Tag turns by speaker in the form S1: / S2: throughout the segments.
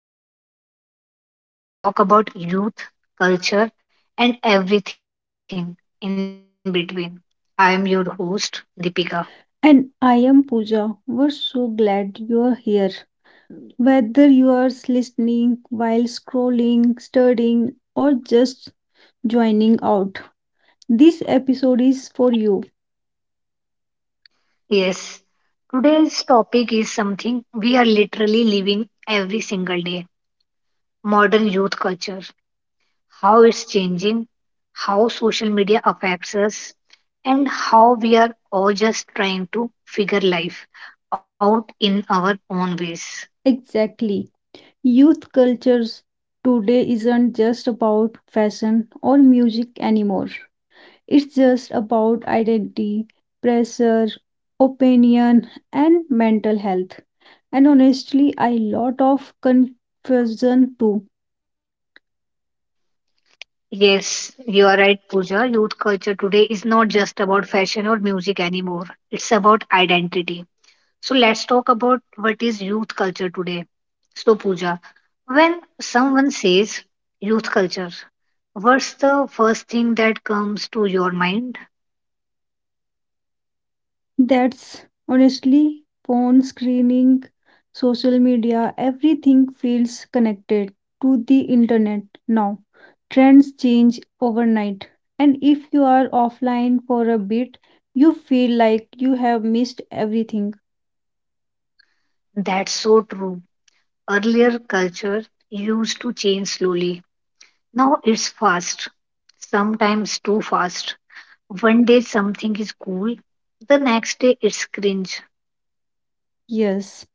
S1: podcast where we talk about youth, culture, and everything in between. I am your host, Deepika.
S2: And I am Pooja. We're so glad you're here. Whether you are listening while scrolling, studying, or just joining out, this episode is for you.
S1: Yes, today's topic is something we are literally living every single day: modern youth culture, how it's changing, how social media affects us, and how we are all just trying to figure life out in our own ways.
S2: Exactly. Youth cultures today isn't just about fashion or music anymore, it's just about identity, pressure, opinion, and mental health. And honestly, a lot of confusion too.
S1: Yes, you are right, Pooja. Youth culture today is not just about fashion or music anymore. It's about identity. So let's talk about what is youth culture today. So Pooja, when someone says youth culture, what's the first thing that comes to your mind?
S2: That's honestly phone screening, social media, everything feels connected to the internet now. Trends change overnight, and if you are offline for a bit, you feel like you have missed everything.
S1: That's so true. Earlier culture used to change slowly. Now it's fast, sometimes too fast. One day something is cool, the next day it's cringe.
S2: Yes,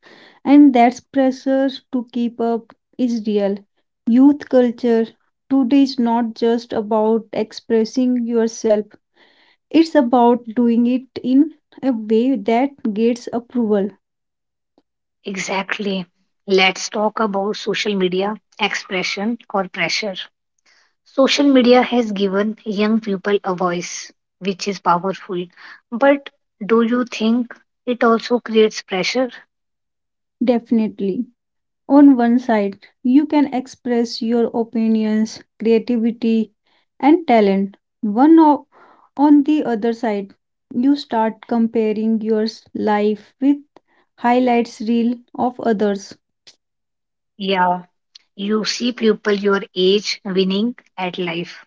S2: and that's pressure to keep up is real. Youth culture today is not just about expressing yourself. It's about doing it in a way that gets approval,
S1: Exactly. Let's talk about social media expression or pressure. Social media has given young people a voice, which is powerful. But do you think it also creates pressure?
S2: definitely. On one side, you can express your opinions, creativity, and talent. On the other side, you start comparing your life with highlights reel of others.
S1: Yeah. You see people your age winning at life,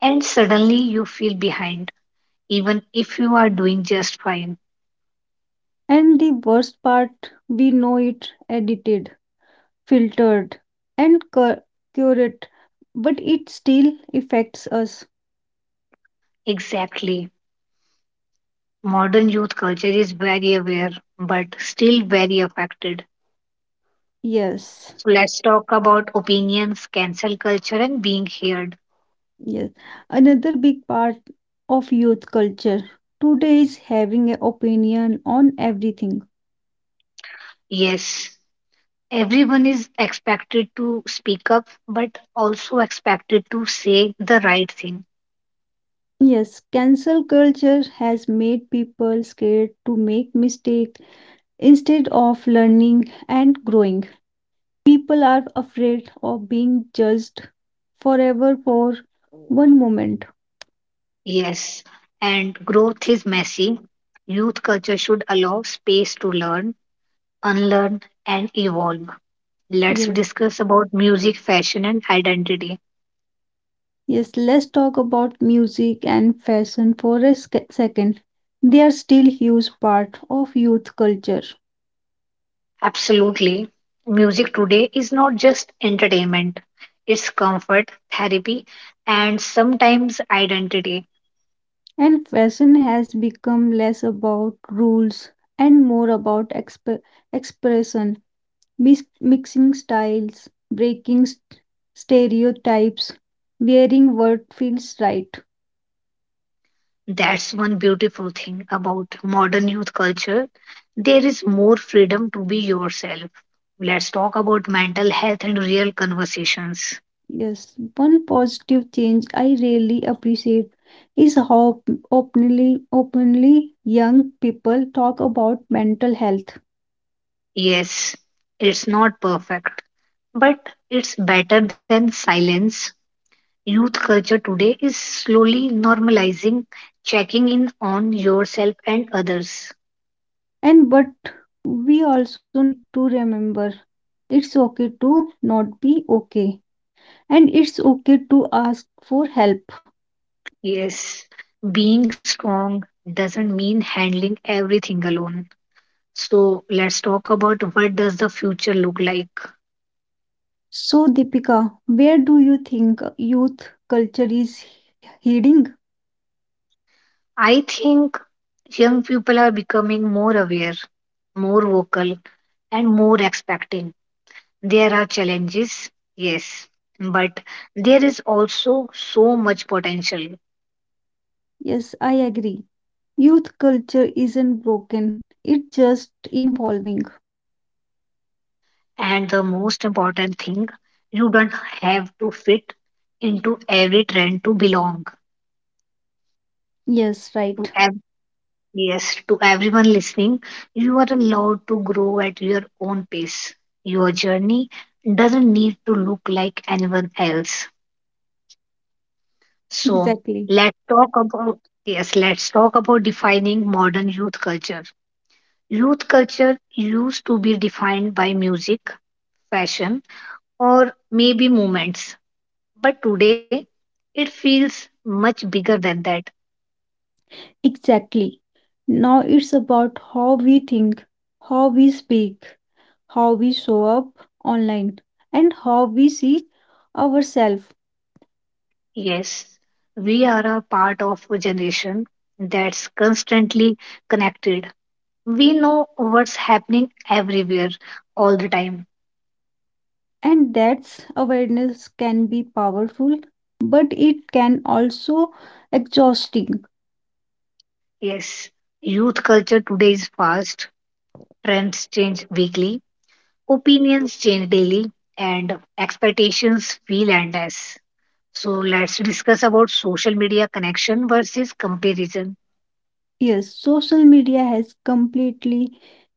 S1: and suddenly you feel behind, even if you are doing just fine.
S2: And the worst part, we know it edited, filtered, and curated, but it still affects us.
S1: Exactly. Modern youth culture is very aware, but still very affected.
S2: Yes.
S1: So let's talk about opinions, cancel culture, and being heard.
S2: Yes, another big part of youth culture today is having an opinion on everything.
S1: Yes, everyone is expected to speak up, but also expected to say the right thing.
S2: Yes, cancel culture has made people scared to make mistakes instead of learning and growing. People are afraid of being judged forever for one moment.
S1: Yes, and growth is messy. Youth culture should allow space to learn, unlearn, and evolve. Let's
S2: Yes,
S1: discuss about music, fashion, and identity.
S2: yes, let's talk about music and fashion for a second. They are still huge part of youth culture.
S1: Absolutely. Music today is not just entertainment, it's comfort, therapy, and sometimes identity.
S2: And fashion has become less about rules and more about expression, mixing styles, breaking stereotypes, wearing what feels right.
S1: That's one beautiful thing about modern youth culture. There is more freedom to be yourself. Let's talk about mental health and real conversations.
S2: Yes, one positive change I really appreciate is how openly young people talk about mental health.
S1: Yes, it's not perfect, but it's better than silence. Youth culture today is slowly normalizing checking in on yourself and others.
S2: And but we also need to remember it's okay to not be okay, and it's okay to ask for help.
S1: Yes, being strong doesn't mean handling everything alone. So let's talk about what does the future look like.
S2: So, Deepika, where do you think youth culture is heading?
S1: I think young people are becoming more aware, more vocal, and more expecting. There are challenges, yes, but there is also so much potential.
S2: Yes, I agree. Youth culture isn't broken, it's just evolving.
S1: And the most important thing, you don't have to fit into every trend to belong.
S2: Yes,
S1: To
S2: right.
S1: ev- yes, to everyone listening, you are allowed to grow at your own pace. Your journey doesn't need to look like anyone else. So
S2: Exactly.
S1: let's talk about yes, let's talk about defining modern youth culture. Youth culture used to be defined by music, fashion, or maybe movements. But today, it feels much bigger than that.
S2: Exactly. Now it's about how we think, how we speak, how we show up online, and how we see ourselves.
S1: Yes, we are a part of a generation that's constantly connected. We know what's happening everywhere, all the time.
S2: And that's awareness can be powerful, but it can also exhausting.
S1: Yes, youth culture today is fast, trends change weekly, opinions change daily, and expectations feel endless. So let's discuss about social media connection versus comparison.
S2: Yes, social media has completely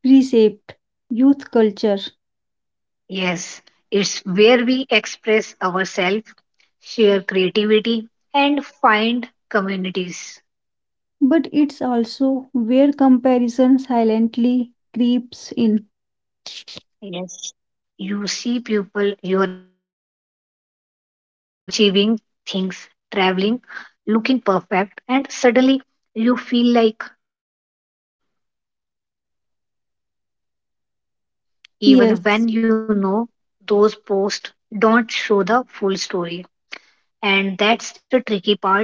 S2: reshaped youth culture,
S1: Yes, it's where we express ourselves, share creativity, and find communities.
S2: but it's also where comparison silently creeps in.
S1: Yes, you see people your age achieving things, traveling, looking perfect, and suddenly you feel like you're falling behind, even
S2: Yes,
S1: when you know those posts don't show the full story. And that's the tricky part.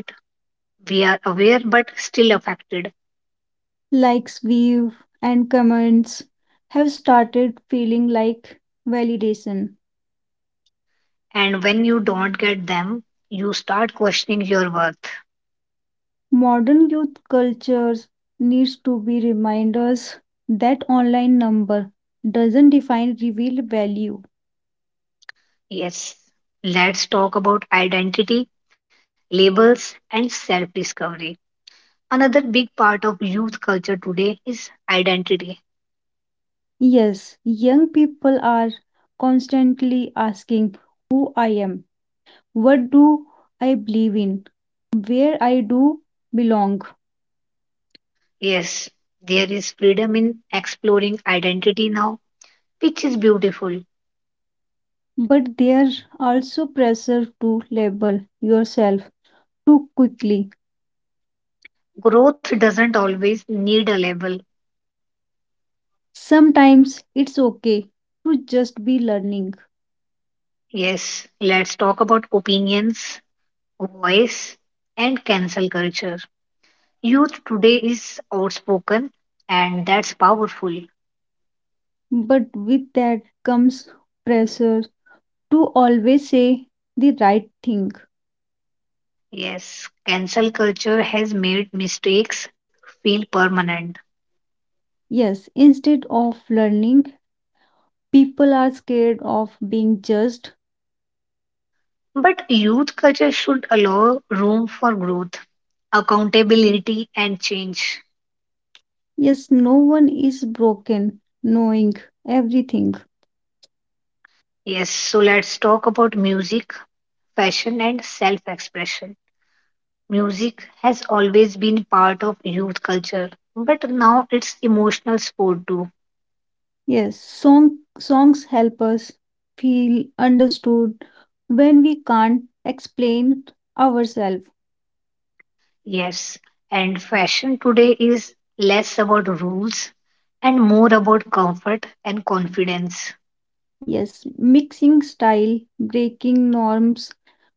S1: We are aware but still affected.
S2: likes, views, and comments have started feeling like validation.
S1: And when you don't get them, you start questioning your worth.
S2: Modern youth cultures needs to be reminders that online number doesn't define real value.
S1: Yes, let's talk about identity, labels, and self discovery. Another big part of youth culture today is identity.
S2: Yes, young people are constantly asking who I am, what do I believe in, where I do belong.
S1: Yes, there is freedom in exploring identity now, which is beautiful.
S2: But there also pressure to label yourself too quickly.
S1: Growth doesn't always need a label.
S2: Sometimes it's okay to just be learning,
S1: Yes, let's talk about opinions, voice, and cancel culture. Youth today is outspoken, and that's powerful.
S2: but with that comes pressure to always say the right thing.
S1: Yes, cancel culture has made mistakes feel permanent.
S2: Yes, instead of learning, people are scared of being judged.
S1: But youth culture should allow room for growth, accountability, and change.
S2: Yes, no one is broken knowing everything.
S1: Yes, so let's talk about music, fashion, and self expression. Music has always been part of youth culture, but now it's emotional sport too.
S2: Yes, songs help us feel understood when we can't explain ourselves.
S1: Yes, and fashion today is less about rules and more about comfort and confidence.
S2: Yes, mixing style, breaking norms,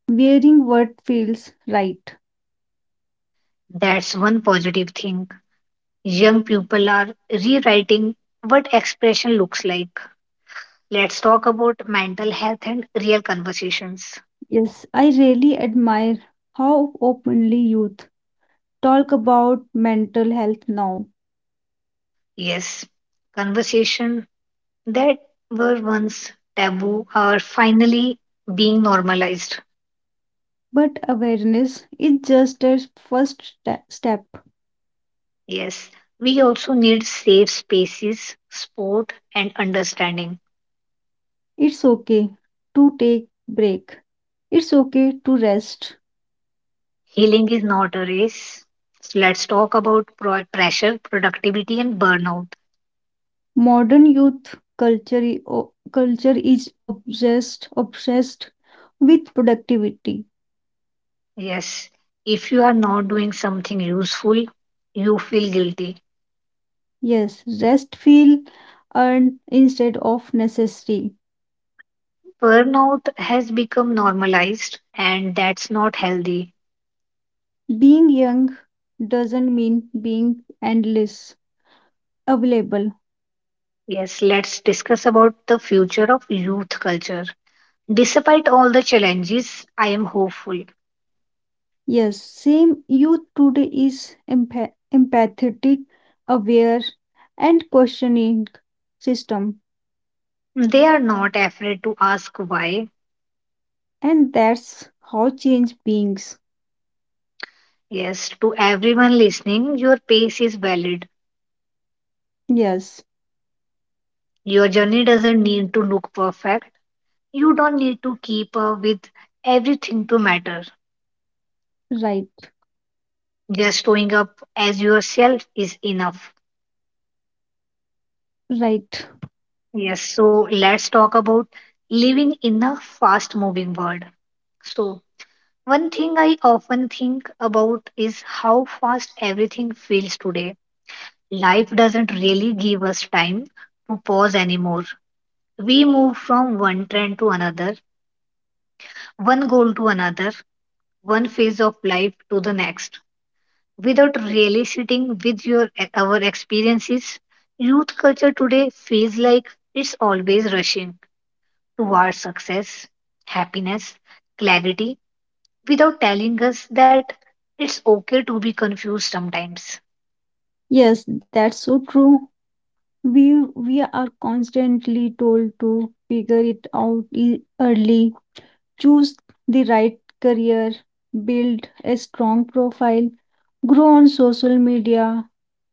S2: wearing what feels right.
S1: That's one positive thing. Young people are rewriting what expression looks like. Let's talk about mental health and real conversations.
S2: Yes, I really admire how openly youth talk about mental health now,
S1: Yes, conversation that were once taboo are finally being normalized.
S2: but awareness is just a first step.
S1: Yes, we also need safe spaces, support, and understanding.
S2: It's okay to take break. It's okay to rest.
S1: Healing is not a race. So let's talk about pressure, productivity, and burnout.
S2: Modern youth culture culture is obsessed with productivity.
S1: Yes, if you are not doing something useful, you feel guilty.
S2: Yes, rest feel earned instead of necessary.
S1: Burnout has become normalized, and that's not healthy.
S2: Being young doesn't mean being endless available.
S1: Yes, let's discuss about the future of youth culture. Despite all the challenges, I am hopeful.
S2: Yes, same youth today is empathetic, aware, and questioning system,
S1: They are not afraid to ask why.
S2: and that's how change beings.
S1: Yes, to everyone listening, your pace is valid.
S2: Yes,
S1: Your journey doesn't need to look perfect. You don't need to keep up with everything to matter.
S2: right,
S1: Just showing up as yourself is enough.
S2: right.
S1: Yes, so let's talk about living in a fast moving world. So, one thing I often think about is how fast everything feels today. Life doesn't really give us time to pause anymore. We move from one trend to another, one goal to another, one phase of life to the next without really sitting with your our experiences. Youth culture today feels like it's always rushing towards success, happiness, clarity, without telling us that it's okay to be confused sometimes.
S2: Yes, that's so true. We are constantly told to figure it out early, choose the right career, build a strong profile, grow on social media,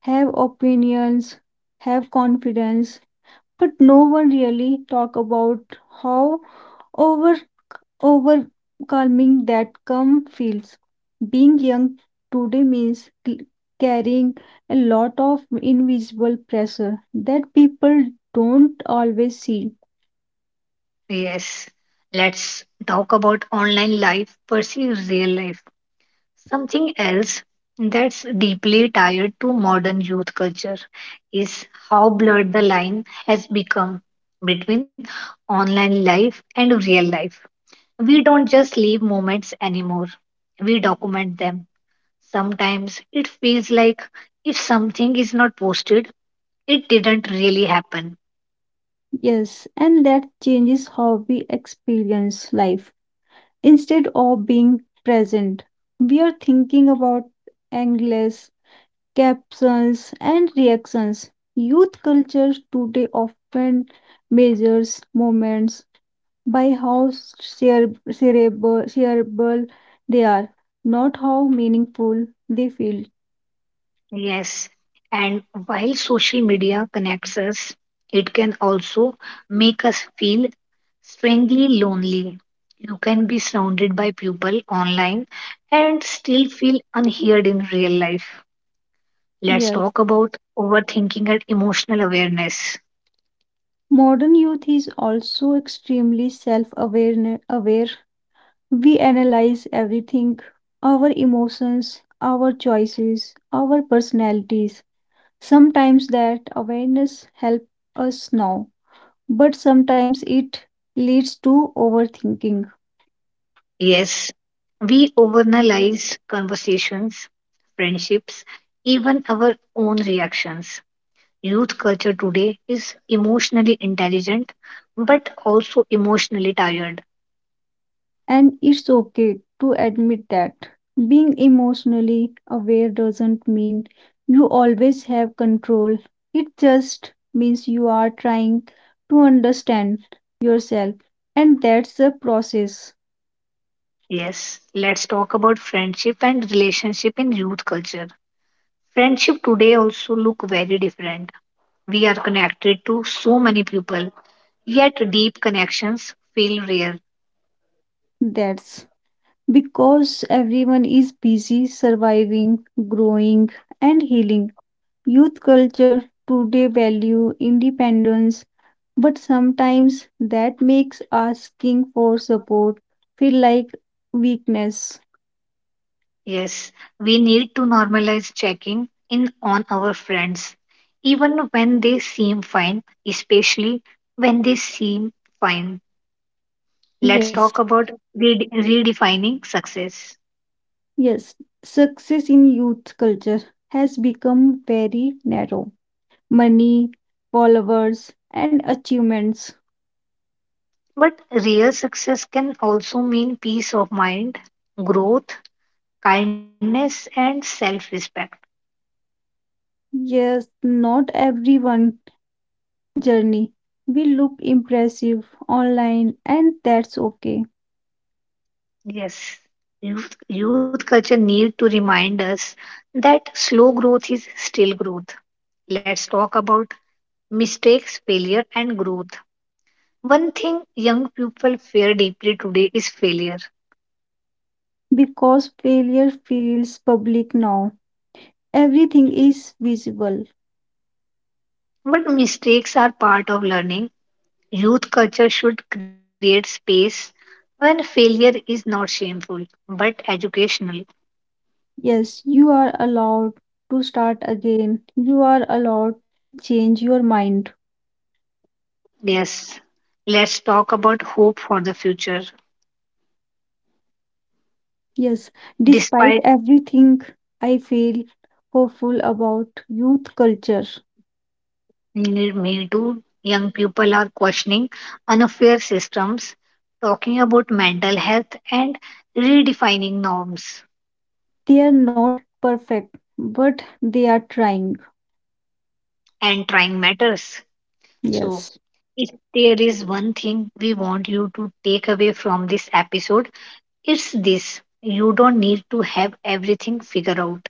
S2: have opinions, have confidence, but no one really talk about how over overwhelming that come feels. Being young today means carrying a lot of invisible pressure that people don't always see.
S1: Yes, let's talk about online life versus real life. Something else that's deeply tied to modern youth culture is how blurred the line has become between online life and real life. We don't just live moments anymore, we document them. Sometimes it feels like if something is not posted, it didn't really happen.
S2: Yes, and that changes how we experience life. Instead of being present, we are thinking about endless captions and reactions. Youth culture today often measures moments by how cerebral they are, not how meaningful they feel.
S1: Yes, and while social media connects us, it can also make us feel strangely lonely. You can be surrounded by people online and still feel unheard in real life. Let's
S2: Yes,
S1: talk about overthinking and emotional awareness.
S2: modern youth is also extremely self aware. We analyze everything our emotions, our choices, our personalities. Sometimes that awareness helps us now, but sometimes it leads to overthinking.
S1: Yes, we overanalyze conversations, friendships, even our own reactions. Youth culture today is emotionally intelligent but also emotionally tired.
S2: And it's okay to admit that. Being emotionally aware doesn't mean you always have control, it just means you are trying to understand yourself. And that's a process.
S1: Yes, let's talk about friendship and relationship in youth culture. Friendship today also look very different. We are connected to so many people, yet deep connections feel rare.
S2: That's because everyone is busy surviving, growing, and healing. Youth culture today value independence, but sometimes that makes asking for support feel like weakness.
S1: Yes, we need to normalize checking in on our friends even when they seem fine, especially when they seem fine. Let's
S2: Yes,
S1: talk about redefining success.
S2: yes. Success in youth culture has become very narrow. Money, followers, and achievements.
S1: But real success can also mean peace of mind, growth, kindness, and self respect.
S2: Yes, not everyone journey will look impressive online, and that's okay
S1: Yes, youth culture need to remind us that slow growth is still growth. Let's talk about mistakes, failure, and growth. One thing young people fear deeply today is failure.
S2: because failure feels public now. Everything is visible.
S1: But mistakes are part of learning. Youth culture should create space when failure is not shameful but educational.
S2: Yes, you are allowed to start again. You are allowed to change your mind.
S1: Yes, let's talk about hope for the future.
S2: Yes, despite
S1: Despite
S2: everything, I feel hopeful about youth culture.
S1: Me Too, young people are questioning unfair systems, talking about mental health, and redefining norms,
S2: They are not perfect, but they are trying.
S1: and trying matters. So,
S2: Yes,
S1: if there is one thing we want you to take away from this episode, it's this: you don't need to have everything figured out.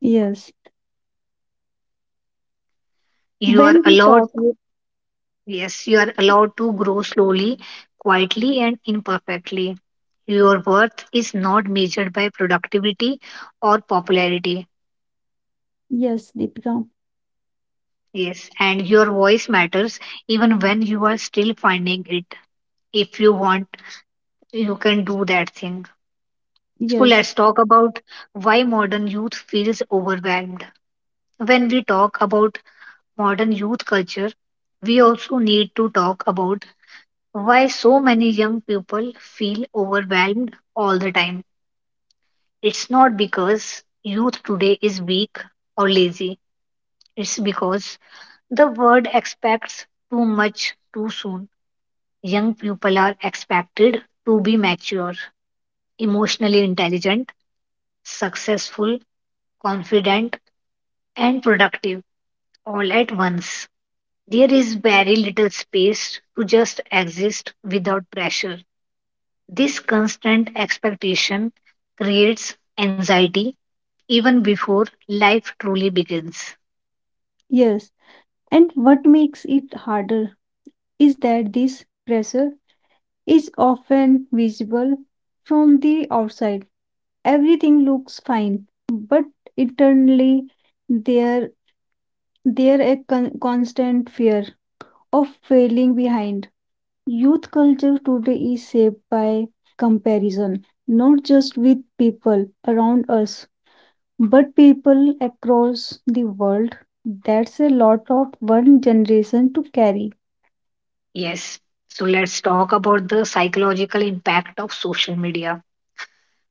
S2: yes.
S1: You are
S2: When we talk,
S1: allowed to, yes, you are allowed to grow slowly, quietly, and imperfectly. Your worth is not measured by productivity or popularity.
S2: yes, Deepika,
S1: Yes, and your voice matters even when you are still finding it. If you want, you can do that thing. So
S2: yes,
S1: let's talk about why modern youth feels overwhelmed. When we talk about modern youth culture, we also need to talk about why so many young people feel overwhelmed all the time. It's not because youth today is weak or lazy, it's because the world expects too much too soon. Young people are expected to be mature, emotionally intelligent, successful, confident, and productive all at once. There is very little space to just exist without pressure. This constant expectation creates anxiety even before life truly begins.
S2: yes. And what makes it harder is that this pressure is often visible from the outside. Everything looks fine, but internally there there a constant fear of failing behind. Youth culture today is shaped by comparison, not just with people around us, but people across the world. That's a lot of one generation to carry.
S1: Yes. So let's talk about the psychological impact of social media.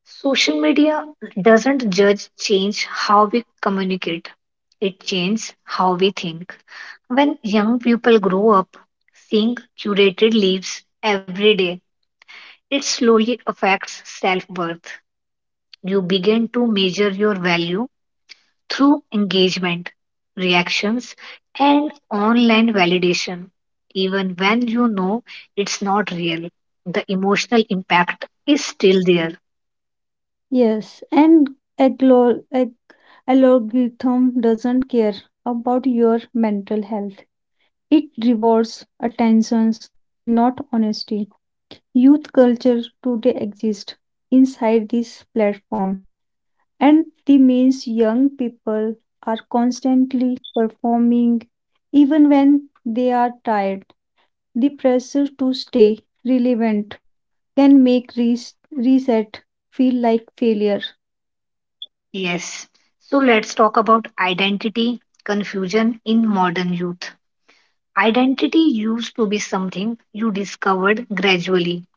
S1: Social media doesn't just change how we communicate, it changes how we think. When young people grow up seeing curated lives every day, it slowly affects self worth. You begin to measure your value through engagement, reactions, and online validation. Even when you know it's not real, the emotional impact is still there.
S2: Yes, and aglo- ag- algorithm doesn't care about your mental health. It rewards attentions, not honesty. Youth culture today exists inside this platform, and the means young people are constantly performing, even when they are tired. The pressure to stay relevant can make reset feel like failure.
S1: Yes. So let's talk about identity confusion in modern youth. Identity used to be something you discovered gradually.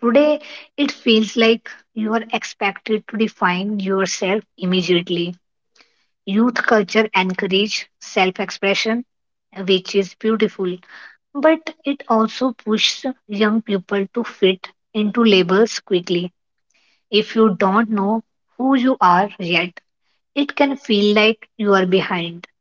S1: Today, it feels like you are expected to define yourself immediately. Youth culture encourages self expression, which is beautiful, but it also pushes young people to fit into labels quickly. If you don't know who you are yet, it can feel like you are behind.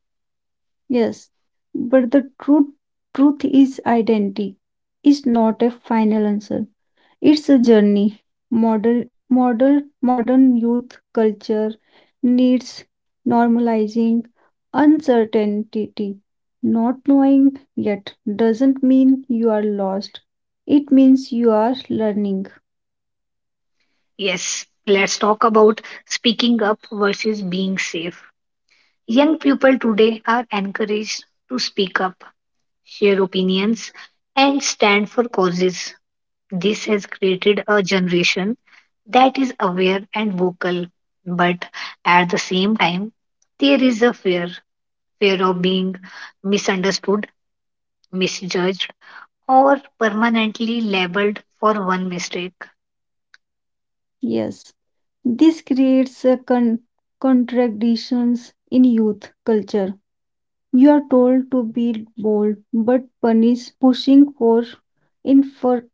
S2: Yes, but the truth is identity is not a final answer. It's a journey. Modern modern modern youth culture needs normalizing uncertainty. Not knowing yet doesn't mean you are lost. It means you are learning.
S1: Yes, let's talk about speaking up versus being safe. Young people today are encouraged to speak up, share opinions, and stand for causes. This has created a generation that is aware and vocal, but at the same time there is a fear of being misunderstood, misjudged, or permanently labeled for one mistake.
S2: Yes, this creates a contradictions in youth culture. You are told to be bold, but punished pushing for infer-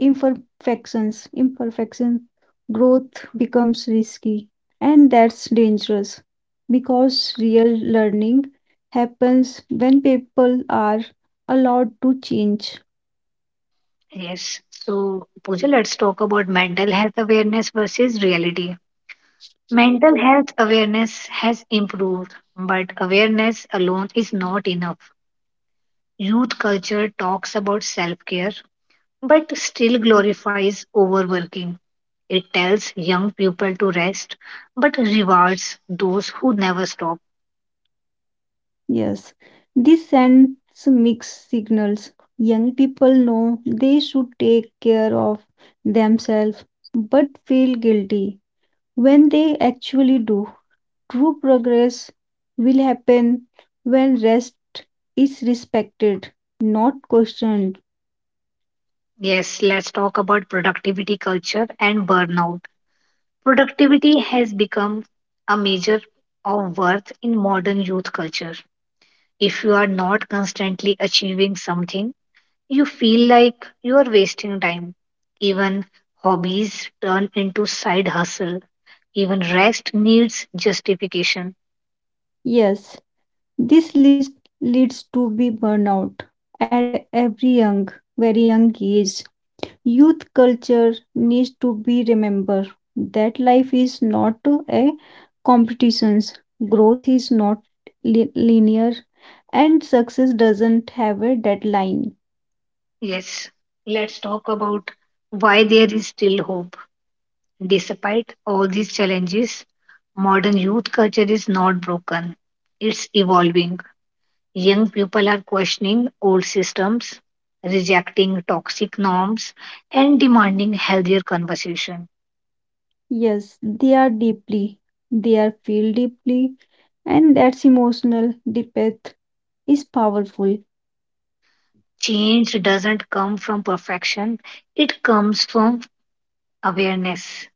S2: imperfections. Imperfection growth becomes risky, and that's dangerous because real learning happens when people are allowed to change.
S1: Yes, so Pooja, let's talk about mental health awareness versus reality. Mental health awareness has improved, but awareness alone is not enough. Youth culture talks about self care but still glorifies overworking. It tells young people to rest, but rewards those who never stop.
S2: Yes, this sends mixed signals. Young people know they should take care of themselves but feel guilty when they actually do. True progress will happen when rest is respected, not questioned.
S1: Yes, let's talk about productivity culture and burnout. Productivity has become a measure of worth in modern youth culture. If you are not constantly achieving something, you feel like you are wasting time. Even hobbies turn into side hustle. Even rest needs justification.
S2: Yes, this list leads to be burnout at very young age. Youth culture needs to be remembered that life is not a competition. Growth is not linear and success doesn't have a deadline.
S1: Yes, let's talk about why there is still hope. Despite all these challenges, modern youth culture is not broken, it's evolving. Young people are questioning old systems, rejecting toxic norms, and demanding healthier conversation.
S2: Yes, they are deeply, they are feel deeply, and that's emotional depth is powerful.
S1: Change doesn't come from perfection, it comes from awareness.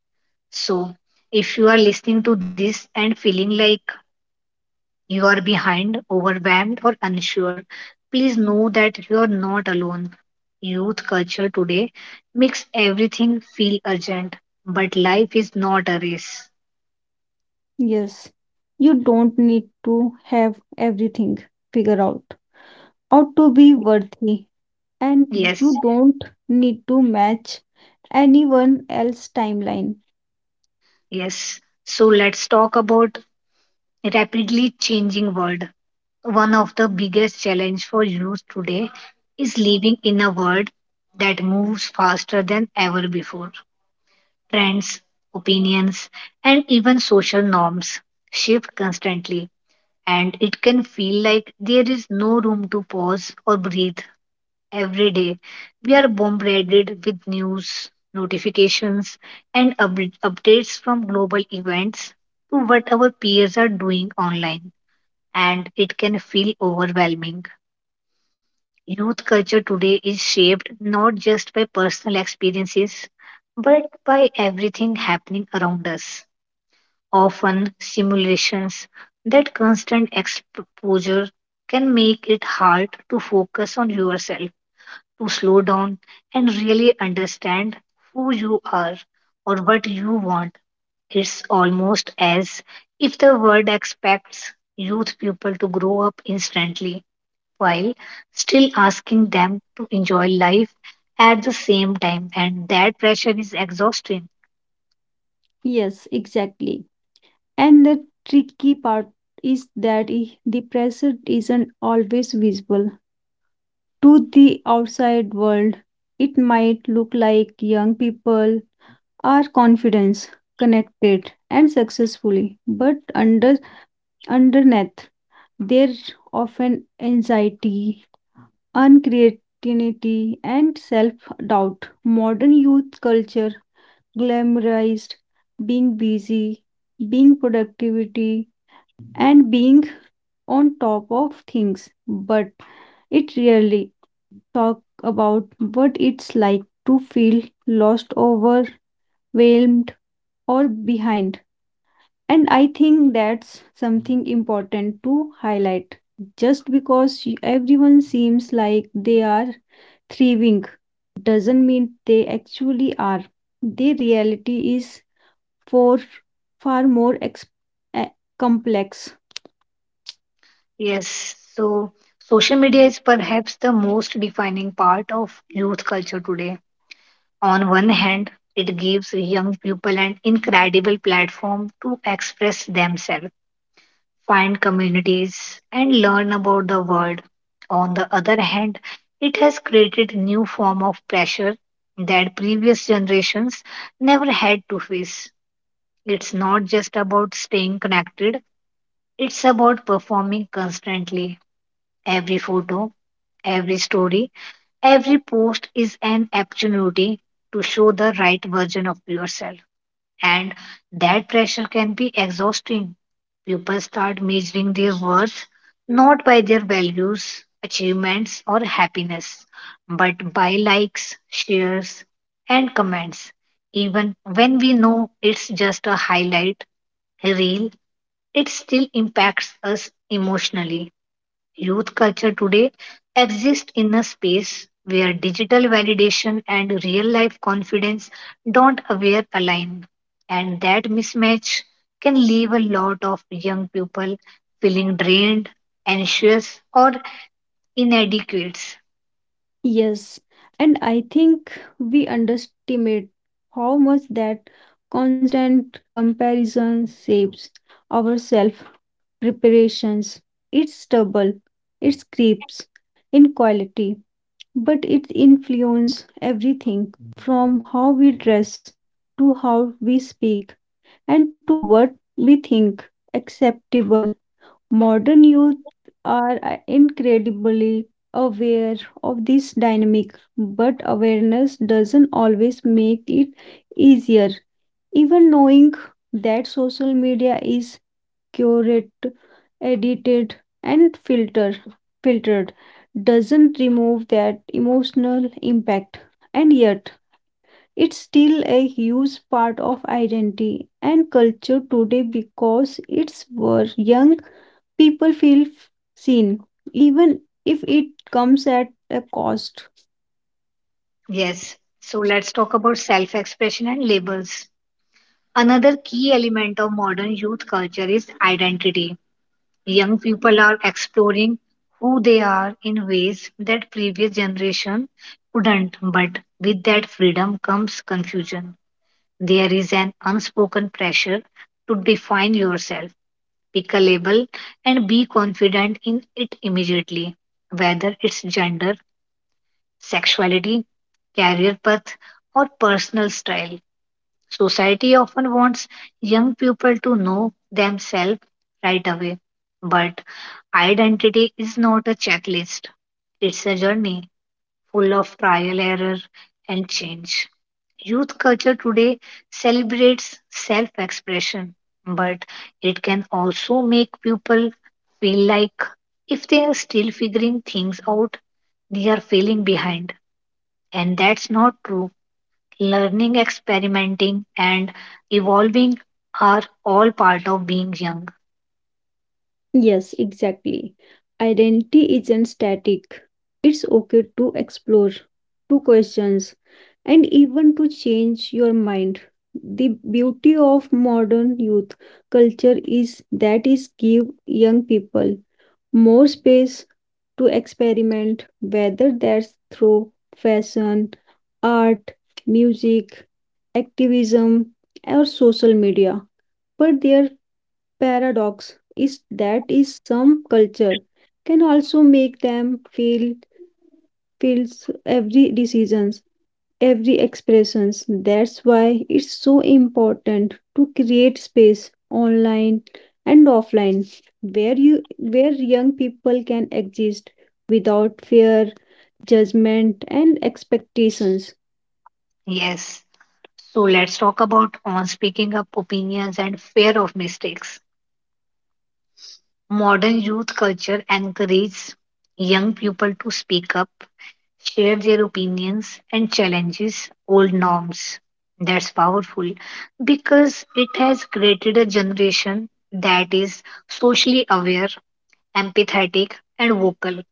S1: So, if you are listening to this and feeling like you are behind, overwhelmed, or unsure, please know that you are not alone. Youth culture today makes everything feel urgent, but life is not a race.
S2: Yes, you don't need to have everything figured out or to be worthy, and
S1: Yes,
S2: you don't need to match anyone else's timeline.
S1: yes. So let's talk about rapidly changing world. One of the biggest challenge for youth today is living in a world that moves faster than ever before. Trends, opinions, and even social norms shift constantly and it can feel like there is no room to pause or breathe. Every day, we are bombarded with news, notifications, and updates from global events to what our peers are doing online, and it can feel overwhelming. Youth culture today is shaped not just by personal experiences but by everything happening around us, often simulations. That constant exposure can make it hard to focus on yourself, to slow down and really understand who you are or what you want. It's almost as if the world expects youth people to grow up instantly while still asking them to enjoy life at the same time, and that pressure is exhausting.
S2: Yes, exactly. And the tricky part is that the pressure isn't always visible. To the outside world, it might look like young people are confident, connected, and successfully. But under underneath there often anxiety, uncreativity, and self-doubt. Modern youth culture glamorized being busy, being productivity, and being on top of things, but it really talk about what it's like to feel lost, overwhelmed, or behind. And I think that's something important to highlight. Just because everyone seems like they are thriving doesn't mean they actually are. The reality is for far more eh, complex.
S1: Yes, so social media is perhaps the most defining part of youth culture today. On one hand, it gives young people an incredible platform to express themselves, find communities, and learn about the world. On the other hand, it has created new form of pressure that previous generations never had to face. It's not just about staying connected, it's about performing constantly. Every photo, every story, every post is an opportunity to show the right version of yourself. And that pressure can be exhausting. People start measuring their worth not by their values, achievements, or happiness, but by likes, shares, and comments. Even when we know it's just a highlight reel, it still impacts us emotionally. Youth culture today exists in a space where digital validation and real life confidence don't aware align. And that mismatch can leave a lot of young people feeling drained, anxious, or inadequate.
S2: Yes, and I think we underestimate how much that constant comparison shapes our self preparations. It's double, it creeps in quality, but it influences everything from how we dress to how we speak and to what we think acceptable. Modern youth are incredibly aware of this dynamic, but awareness doesn't always make it easier. Even knowing that social media is curated, edited, and filtered doesn't remove that emotional impact, and yet it's still a huge part of identity and culture today because it's where young people feel seen, even if it comes at a cost.
S1: Yes, so let's talk about self expression and labels. Another key element of modern youth culture is identity. Young people are exploring who they are in ways that previous generation couldn't, but with that freedom comes confusion. There is an unspoken pressure to define yourself, pick a label, and be confident in it immediately, whether it's gender, sexuality, career path, or personal style. Society often wants young people to know themselves right away, but identity is not a checklist. It's a journey full of trial, error, and change. Youth culture today celebrates self expression, but it can also make people feel like if they are still figuring things out, they are failing behind. And that's not true. Learning, experimenting, and evolving are all part of being young.
S2: Yes, exactly. Identity isn't static. It's okay to explore, to question, and even to change your mind. The beauty of modern youth culture is that is give young people more space to experiment, whether that's through fashion, art, music, activism or social media, but their paradox is that is some culture can also make them feel feels every decisions every expressions. That's why it's so important to create space online and offline where young people can exist without fear judgment and expectations.
S1: Yes. So let's talk about on speaking up opinions and fear of mistakes. Modern youth culture encourages young people to speak up, share their opinions, and challenges old norms. That's powerful because it has created a generation that is socially aware, empathetic, and vocal,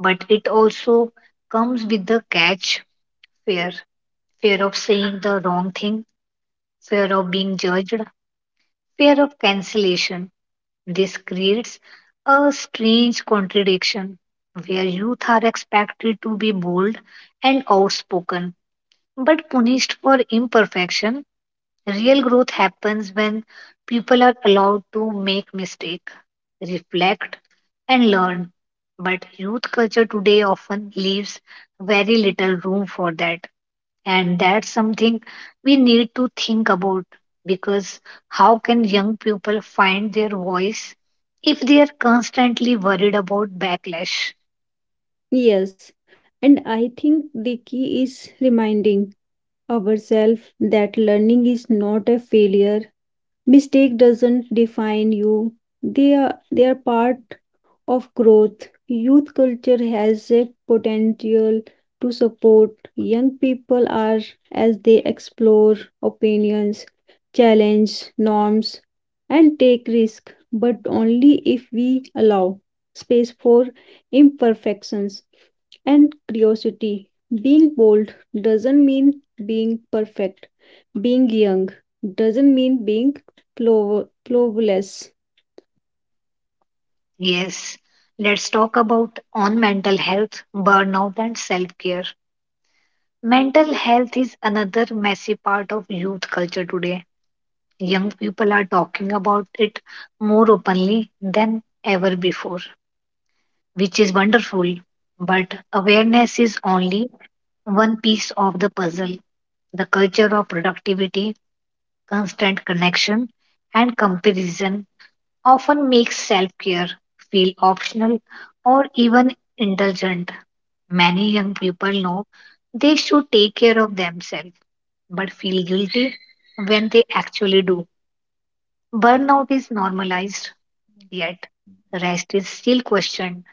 S1: but it also comes with the catch: fear, fear of saying the wrong thing, fear of being judged, fear of cancellation. This creates a strange contradiction where youth are expected to be bold and outspoken but punished for imperfection. Real growth happens when people are allowed to make mistake, reflect and learn. But youth culture today often leaves very little room for that. And that's something we need to think about, because how can young people find their voice if they are constantly worried about backlash?
S2: Yes, and I think the key is reminding ourselves that learning is not a failure. Mistake doesn't define you. They are part of growth. Youth culture has a potential to support young people are as they explore opinions, challenge norms, and take risk, but only if we allow space for imperfections and curiosity. Being bold doesn't mean being perfect. Being young doesn't mean being cloverless.
S1: Yes, let's talk about on mental health, burnout and self-care. Mental health is another massive part of youth culture today. Young people are talking about it more openly than ever before, which is wonderful. But awareness is only one piece of the puzzle. The culture of productivity, constant connection, and comparison often makes self care feel optional or even indulgent. Many young people know they should take care of themselves but feel guilty when they actually do. Burnout is normalized, yet rest is still questioned.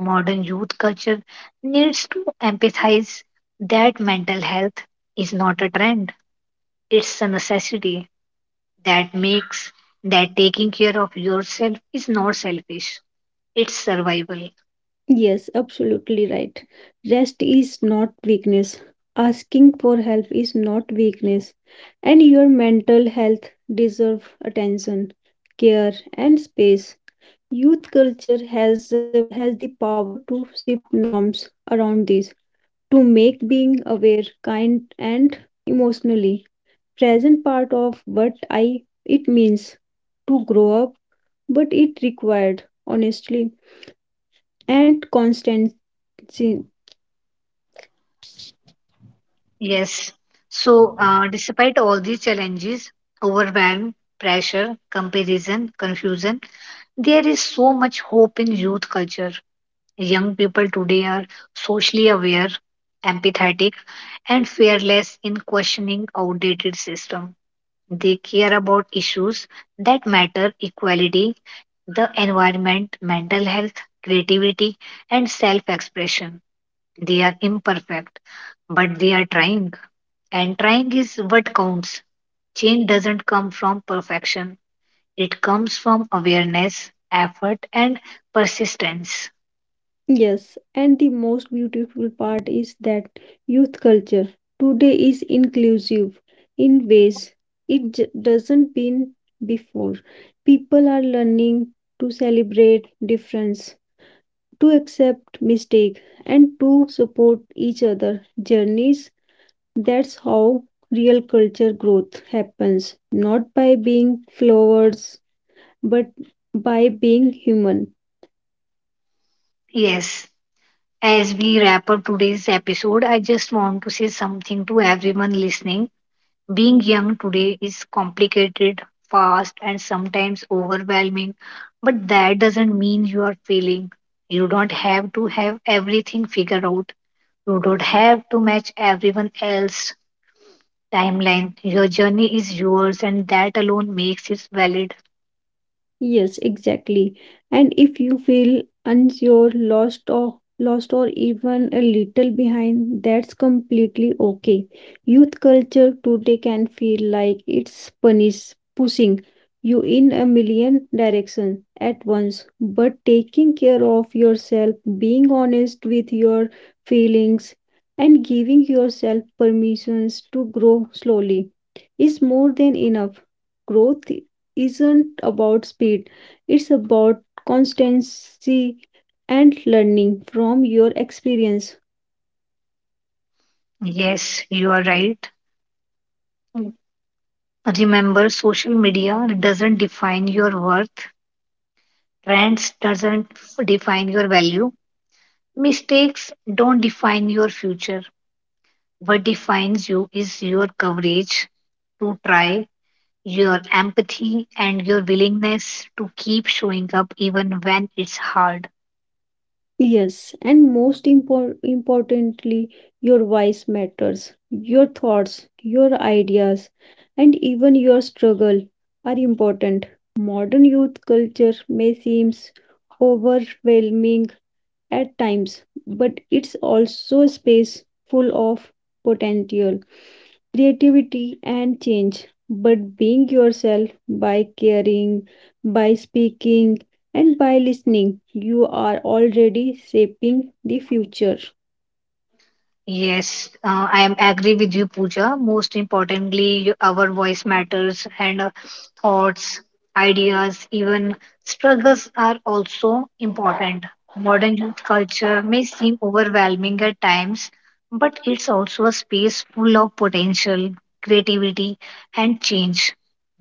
S1: Modern youth culture needs to empathize that mental health is not a trend, it's a necessity, that makes that taking care of yourself is not selfish, it's survival.
S2: Yes, absolutely right. Rest is not weakness. Asking for help is not weakness. And your mental health deserves attention, care, and space. Youth culture has the power to shift norms around this, to make being aware, kind, and emotionally present part of what I it means to grow up, but it required honestly and constancy.
S1: Yes. So, despite all these challenges, overwhelm, pressure, comparison, confusion, there is so much hope in youth culture. Young people today are socially aware, empathetic, and fearless in questioning outdated system. They care about issues that matter: equality, the environment, mental health, creativity, and self-expression. They are imperfect, but they are trying. And trying is what counts. Change doesn't come from perfection. It comes from awareness, effort, and persistence.
S2: Yes, and the most beautiful part is that youth culture today is inclusive in ways it doesn't been before. People are learning to celebrate difference, to accept mistake, and to support each other journeys. That's how real culture growth happens, not by being flowers, but by being human.
S1: Yes. As we wrap up today's episode, I just want to say something to everyone listening. Being young today is complicated, fast, and sometimes overwhelming, but that doesn't mean you are failing. You don't have to have everything figured out. You don't have to match everyone else's timeline. Your journey is yours, and that alone makes it valid.
S2: Yes, exactly. And if you feel unsure, lost or even a little behind, that's completely okay. Youth culture today can feel like it's pushing you in a million directions at once. But taking care of yourself, being honest with your feelings, and giving yourself permissions to grow slowly is more than enough. Growth isn't about speed, it's about constancy and learning from your experience.
S1: Yes, you are right. Remember, social media doesn't define your worth, trends doesn't define your value, mistakes don't define your future. What defines you is your courage to try, your empathy, and your willingness to keep showing up even when it's hard.
S2: Yes, and most importantly, your voice matters. Your thoughts, your ideas, and even your struggle are important. Modern youth culture may seem overwhelming at times, but it's also a space full of potential. Creativity and change, but being yourself, by caring, by speaking, and by listening, you are already shaping the future.
S1: Yes, I am agree with you, Pooja. Most importantly, our voice matters, and thoughts, ideas, even struggles are also important. Modern youth culture may seem overwhelming at times, but it's also a space full of potential, creativity, and change.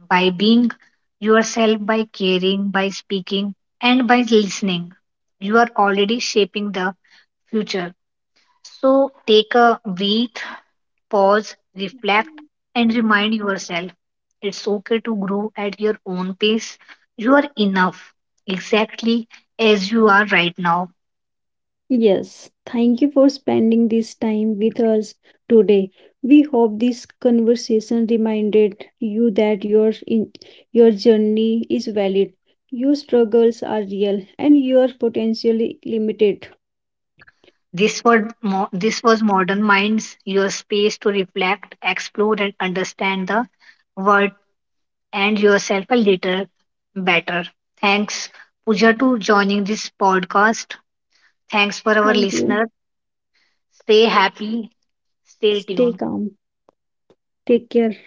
S1: By being yourself, by caring, by speaking, and by listening, you are already shaping the future. So take a breath, pause, reflect, and remind yourself it's okay to grow at your own pace. You are enough, exactly as you are right now.
S2: Yes, thank you for spending this time with us today. We hope this conversation reminded you that your journey is valid, your struggles are real, and your potential limited.
S1: This was, this was Modern Minds, your space to reflect, explore, and understand the world and yourself a little better. Thanks, Pooja, to joining this podcast. Thanks for our
S2: Thank you.
S1: listener. Stay happy, stay
S2: Stay
S1: tuned.
S2: calm. Take care.